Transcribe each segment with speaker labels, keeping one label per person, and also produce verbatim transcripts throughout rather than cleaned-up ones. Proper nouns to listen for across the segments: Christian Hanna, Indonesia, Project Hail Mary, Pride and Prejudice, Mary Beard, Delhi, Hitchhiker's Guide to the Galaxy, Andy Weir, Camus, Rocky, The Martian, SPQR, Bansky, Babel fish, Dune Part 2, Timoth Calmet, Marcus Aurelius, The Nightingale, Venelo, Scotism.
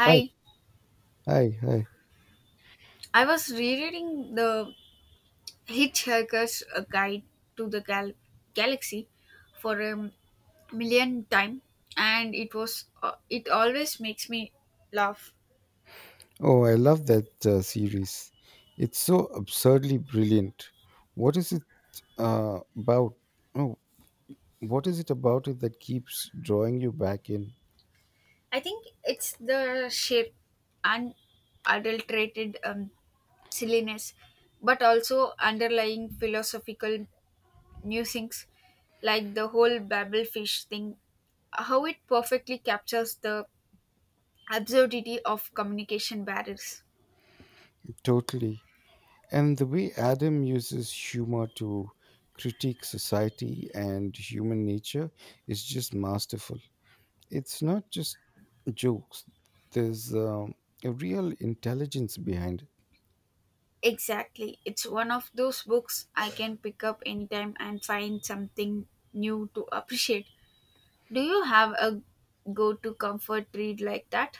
Speaker 1: Hi, hi, hi.
Speaker 2: I was rereading the Hitchhiker's uh, Guide to the Gal- Galaxy for a million time, and it was uh, it always makes me laugh.
Speaker 1: Oh, I love that uh, series. It's so absurdly brilliant. What is it uh, about? Oh, what is it about it that keeps drawing you back in?
Speaker 2: I think it's the sheer unadulterated um, silliness, but also underlying philosophical musings, like the whole Babel fish thing, how it perfectly captures the absurdity of communication barriers.
Speaker 1: Totally. And the way Adam uses humor to critique society and human nature is just masterful. It's not just jokes, there's um, a real intelligence behind it.
Speaker 2: Exactly. It's one of those books I can pick up anytime and find something new to appreciate. Do you have a go to comfort read like that?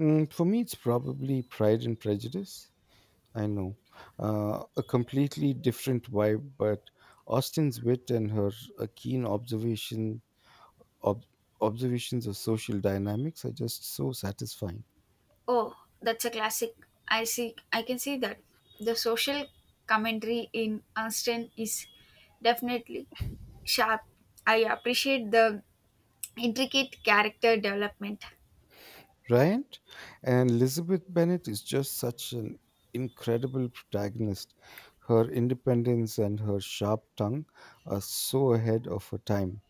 Speaker 1: Mm, for me, it's probably Pride and Prejudice. I know. Uh, a completely different vibe, but Austin's wit and her uh, keen observation ob- observations of social dynamics are just so satisfying.
Speaker 2: Oh, that's a classic. I see I can see that. The social commentary in Austen is definitely sharp. I appreciate the intricate character development.
Speaker 1: Right? And Elizabeth Bennet is just such an incredible protagonist. Her independence and her sharp tongue are so ahead of her time.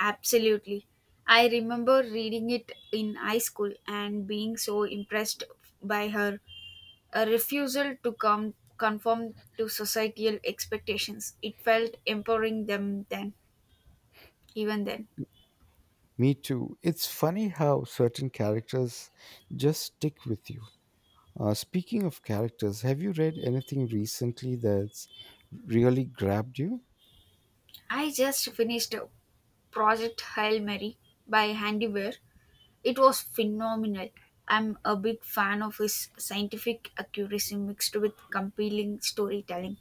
Speaker 2: Absolutely. I remember reading it in high school and being so impressed by her A refusal to come conform to societal expectations. It felt empowering them then, even then.
Speaker 1: Me too. It's funny how certain characters just stick with you. Uh, speaking of characters, have you read anything recently that's really grabbed you?
Speaker 2: I just finished a Project Hail Mary by Andy Weir. It was phenomenal. I'm a big fan of his scientific accuracy mixed with compelling storytelling.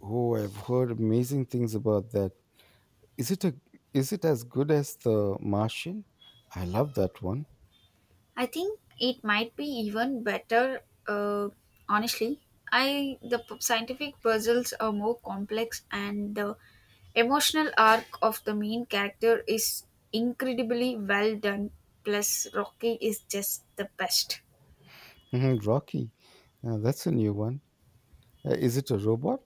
Speaker 1: Oh, I've heard amazing things about that. Is it a is it as good as The Martian? I love that one.
Speaker 2: I think it might be even better. Uh, Honestly, I the p- scientific puzzles are more complex, and the emotional arc of the main character is incredibly well done. Plus, Rocky is just the best.
Speaker 1: Mhm, Rocky, uh, that's a new one. Uh, is it a robot?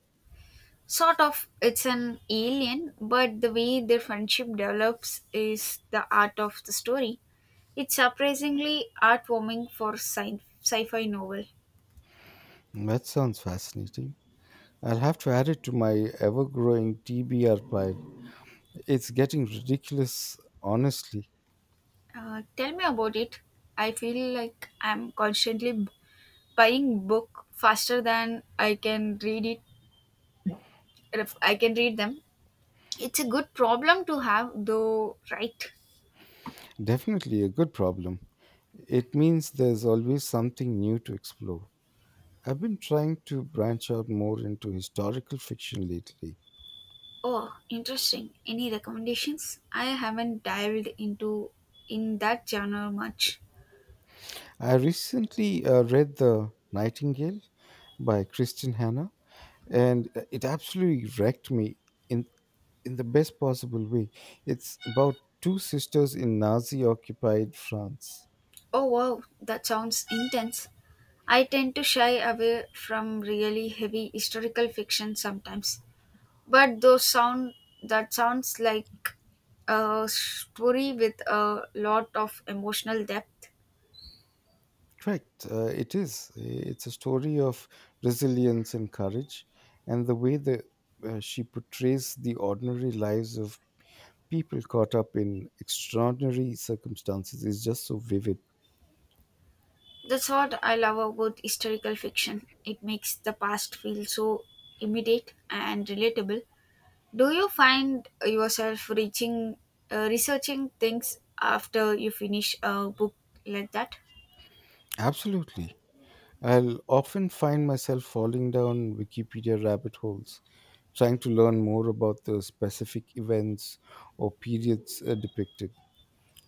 Speaker 2: Sort of, it's an alien, but the way their friendship develops is the art of the story. It's surprisingly heartwarming for sci- sci-fi novel.
Speaker 1: That sounds fascinating. I'll have to add it to my ever-growing T B R pile. It's getting ridiculous, honestly.
Speaker 2: Uh, tell me about it. I feel like I'm constantly b- buying book faster than I can read it. If I can read them. It's a good problem to have, though, right?
Speaker 1: Definitely a good problem. It means there's always something new to explore. I've been trying to branch out more into historical fiction lately.
Speaker 2: Oh, interesting. Any recommendations? I haven't dived into in that genre much.
Speaker 1: I recently uh, read The Nightingale by Christian Hanna, and uh, it absolutely wrecked me in in the best possible way. It's about two sisters in Nazi-occupied France.
Speaker 2: Oh wow, that sounds intense. I tend to shy away from really heavy historical fiction sometimes. But those sound that sounds like a story with a lot of emotional depth.
Speaker 1: Correct. Uh, it is. It's a story of resilience and courage, and the way that uh, she portrays the ordinary lives of people caught up in extraordinary circumstances is just so vivid.
Speaker 2: That's what I love about historical fiction. It makes the past feel so immediate and relatable. Do you find yourself reaching, uh, researching things after you finish a book like that?
Speaker 1: Absolutely. I'll often find myself falling down Wikipedia rabbit holes, trying to learn more about the specific events or periods uh, depicted.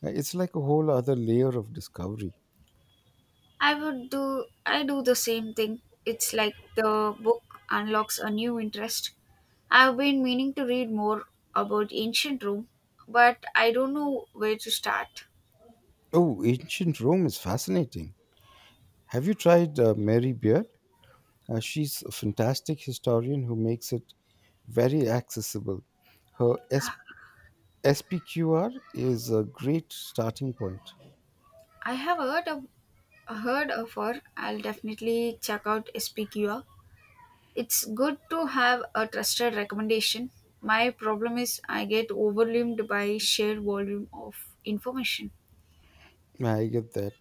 Speaker 1: Uh, It's like a whole other layer of discovery.
Speaker 2: I would do I do the same thing. It's like the book unlocks a new interest. I've been meaning to read more about ancient Rome, but I don't know where to start.
Speaker 1: Oh, ancient Rome is fascinating. Have you tried uh, Mary Beard? Uh, she's a fantastic historian who makes it very accessible. Her S P Q R is a great starting point.
Speaker 2: I have heard of heard of her. I'll definitely check out S P Q R. It's good to have a trusted recommendation. My problem is I get overwhelmed by sheer volume of information.
Speaker 1: I get that.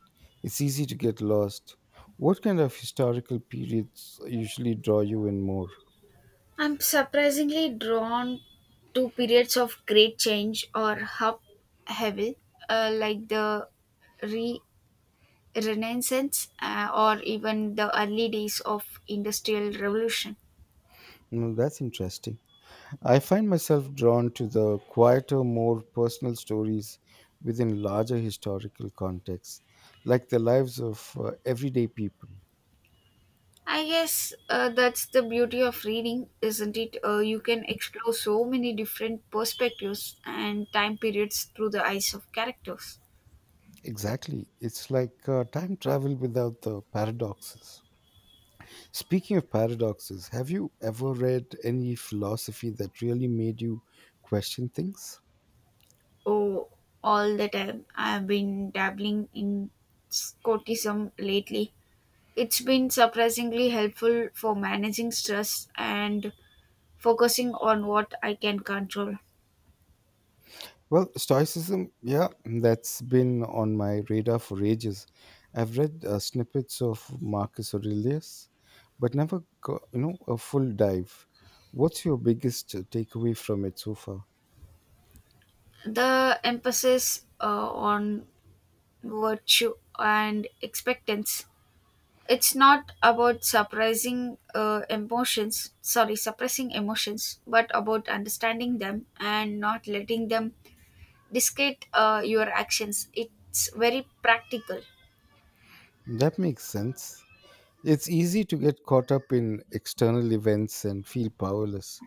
Speaker 1: It's easy to get lost. What kind of historical periods usually draw you in more?
Speaker 2: I'm surprisingly drawn to periods of great change or upheaval, uh, like the re- Renaissance uh, or even the early days of Industrial Revolution.
Speaker 1: Mm, that's interesting. I find myself drawn to the quieter, more personal stories within larger historical contexts, like the lives of uh, everyday people.
Speaker 2: I guess uh, that's the beauty of reading, isn't it? Uh, you can explore so many different perspectives and time periods through the eyes of characters.
Speaker 1: Exactly. It's like uh, time travel without the paradoxes. Speaking of paradoxes, have you ever read any philosophy that really made you question things?
Speaker 2: Oh, all the time I've been dabbling in Scotism lately. It's been surprisingly helpful for managing stress and focusing on what I can control.
Speaker 1: Well, Stoicism, yeah, that's been on my radar for ages. I've read uh, snippets of Marcus Aurelius, but never, go, you know, a full dive. What's your biggest uh, takeaway from it so far?
Speaker 2: The emphasis uh, on virtue and expectance. It's not about surprising uh, emotions, sorry, suppressing emotions, but about understanding them and not letting them dictate uh, your actions. It's very practical.
Speaker 1: That makes sense. It's easy to get caught up in external events and feel powerless.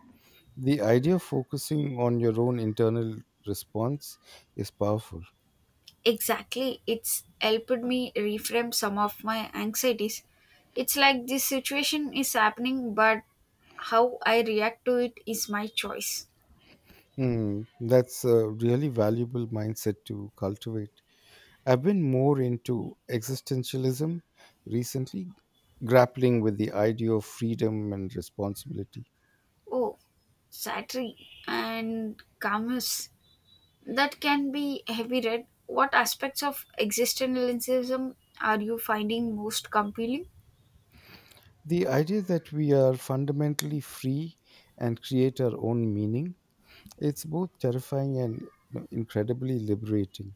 Speaker 1: The idea of focusing on your own internal response is powerful.
Speaker 2: Exactly. It's helped me reframe some of my anxieties. It's like this situation is happening, but how I react to it is my choice.
Speaker 1: Hmm, that's a really valuable mindset to cultivate. I've been more into existentialism recently, grappling with the idea of freedom and responsibility.
Speaker 2: Oh, Saturday and Camus. That can be heavy read. What aspects of existentialism are you finding most compelling?
Speaker 1: The idea that we are fundamentally free and create our own meaning, it's both terrifying and, you know, incredibly liberating.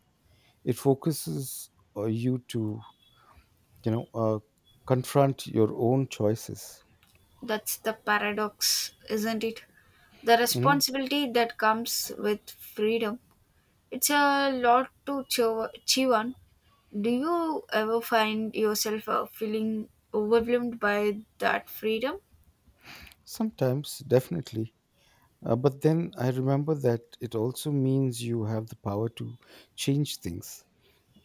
Speaker 1: It focuses uh, you to, you know uh, confront your own choices.
Speaker 2: That's the paradox, isn't it? The
Speaker 1: Mhm.
Speaker 2: responsibility that comes with freedom. It's a lot to chew, chew on. Do you ever find yourself uh, feeling overwhelmed by that freedom?
Speaker 1: Sometimes, definitely. Uh, but then I remember that it also means you have the power to change things.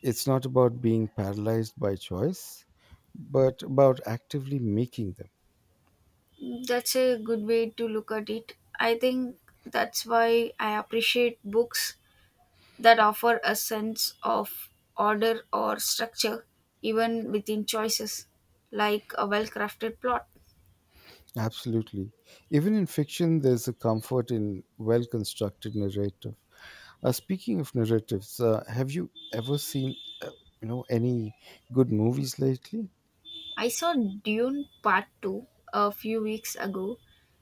Speaker 1: It's not about being paralyzed by choice, but about actively making them.
Speaker 2: That's a good way to look at it. I think that's why I appreciate books that offer a sense of order or structure, even within choices, like a well crafted plot.
Speaker 1: Absolutely. Even in fiction, there's a comfort in well constructed narrative. Uh, speaking of narratives, uh, have you ever seen you know any good movies lately?
Speaker 2: I saw Dune Part two a few weeks ago.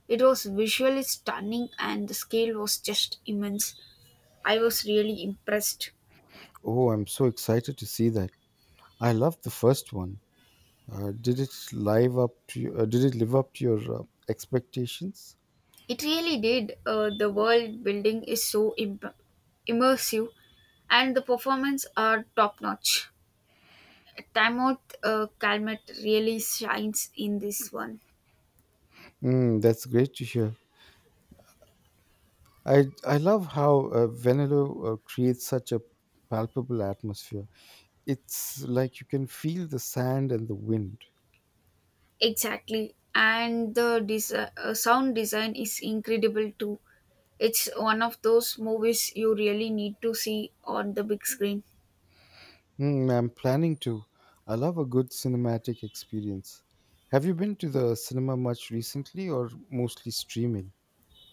Speaker 2: It was visually stunning and the scale was just immense. I was really impressed.
Speaker 1: Oh, I'm so excited to see that. I love the first one. Uh, did it live up to you, uh, did it live up to your uh, expectations?
Speaker 2: It really did. Uh, the world building is so imp- immersive and the performance are top notch. Timoth uh, Calmet really shines in this one.
Speaker 1: Mm, that's great to hear. I I love how uh, Venelo uh, creates such a palpable atmosphere. It's like you can feel the sand and the wind.
Speaker 2: Exactly. And the desi- uh, sound design is incredible too. It's one of those movies you really need to see on the big screen.
Speaker 1: Mm, I'm planning to. I love a good cinematic experience. Have you been to the cinema much recently or mostly streaming?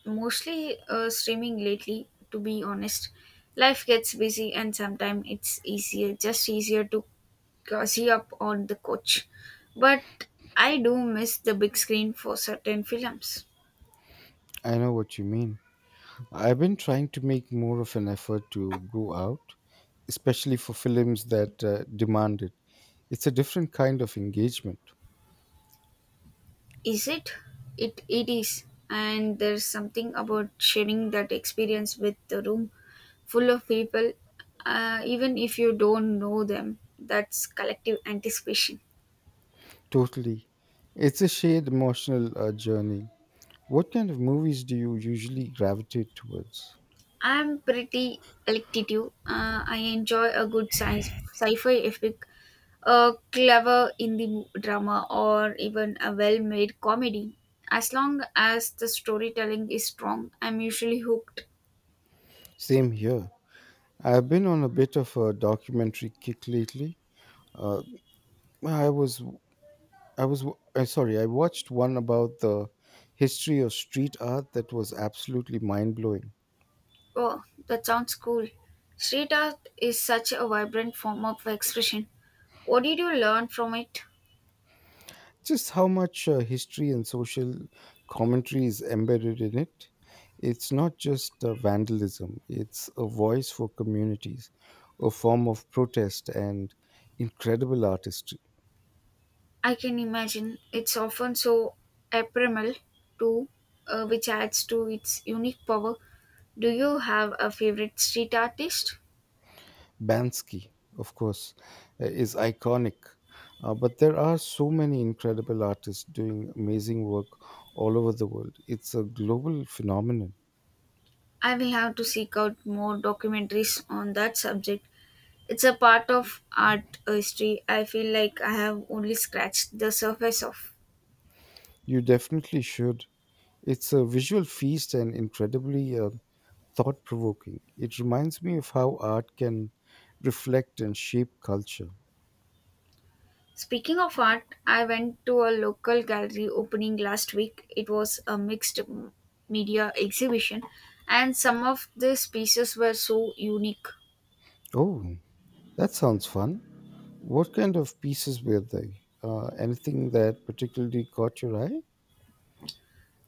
Speaker 2: Mostly uh, streaming lately, to be honest. Life gets busy, and sometimes it's easier, just easier to cozy up on the couch. But I do miss the big screen for certain films.
Speaker 1: I know what you mean. I've been trying to make more of an effort to go out, especially for films that uh, demand it. It's a different kind of engagement.
Speaker 2: Is it? It it is. And there's something about sharing that experience with the room full of people, uh, even if you don't know them. That's collective anticipation.
Speaker 1: Totally. It's a shared emotional uh, journey. What kind of movies do you usually gravitate towards?
Speaker 2: I'm pretty electative. Uh, I enjoy a good science sci-fi epic, a clever indie mo- drama, or even a well-made comedy. As long as the storytelling is strong, I'm usually hooked.
Speaker 1: Same here. I've been on a bit of a documentary kick lately. Uh, I was, I was, uh, Sorry, I watched one about the history of street art that was absolutely mind blowing.
Speaker 2: Oh, that sounds cool. Street art is such a vibrant form of expression. What did you learn from it?
Speaker 1: Just how much uh, history and social commentary is embedded in it. It's not just uh, vandalism, it's a voice for communities, a form of protest and incredible artistry.
Speaker 2: I can imagine it's often so ephemeral, too, uh, which adds to its unique power. Do you have a favorite street artist?
Speaker 1: Bansky, of course, uh, is iconic. Uh, but there are so many incredible artists doing amazing work all over the world. It's a global phenomenon.
Speaker 2: I will have to seek out more documentaries on that subject. It's a part of art history I feel like I have only scratched the surface of.
Speaker 1: You definitely should. It's a visual feast and incredibly uh, thought provoking. It reminds me of how art can reflect and shape culture.
Speaker 2: Speaking of art, I went to a local gallery opening last week. It was a mixed m- media exhibition, and some of these pieces were so unique.
Speaker 1: Oh, that sounds fun. What kind of pieces were they? Uh, anything that particularly caught your eye?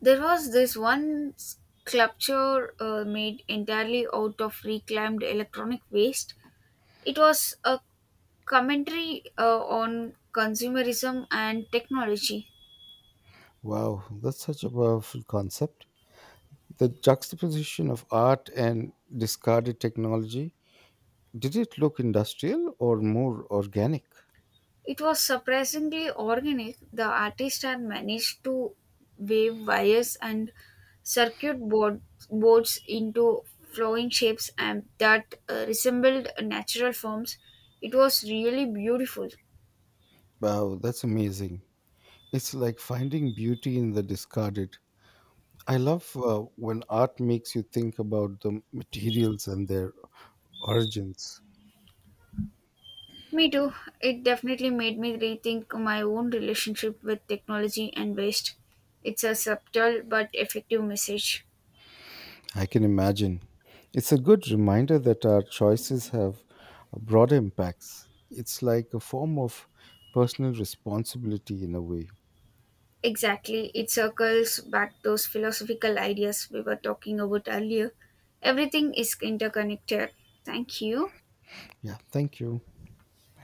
Speaker 2: There was this one sculpture uh, made entirely out of reclaimed electronic waste. It was a commentary uh, on consumerism and technology.
Speaker 1: Wow, that's such a powerful concept. The juxtaposition of art and discarded technology. Did it look industrial or more organic?
Speaker 2: It was surprisingly organic. The artist had managed to wave wires and circuit board, boards into flowing shapes and that uh, resembled natural forms. It was really beautiful.
Speaker 1: Wow, that's amazing. It's like finding beauty in the discarded. I love uh, when art makes you think about the materials and their origins.
Speaker 2: Me too. It definitely made me rethink my own relationship with technology and waste. It's a subtle but effective message.
Speaker 1: I can imagine. It's a good reminder that our choices have broader impacts. It's like a form of personal responsibility in a way.
Speaker 2: Exactly. It circles back those philosophical ideas we were talking about earlier. Everything is interconnected. Thank you.
Speaker 1: Yeah, thank you.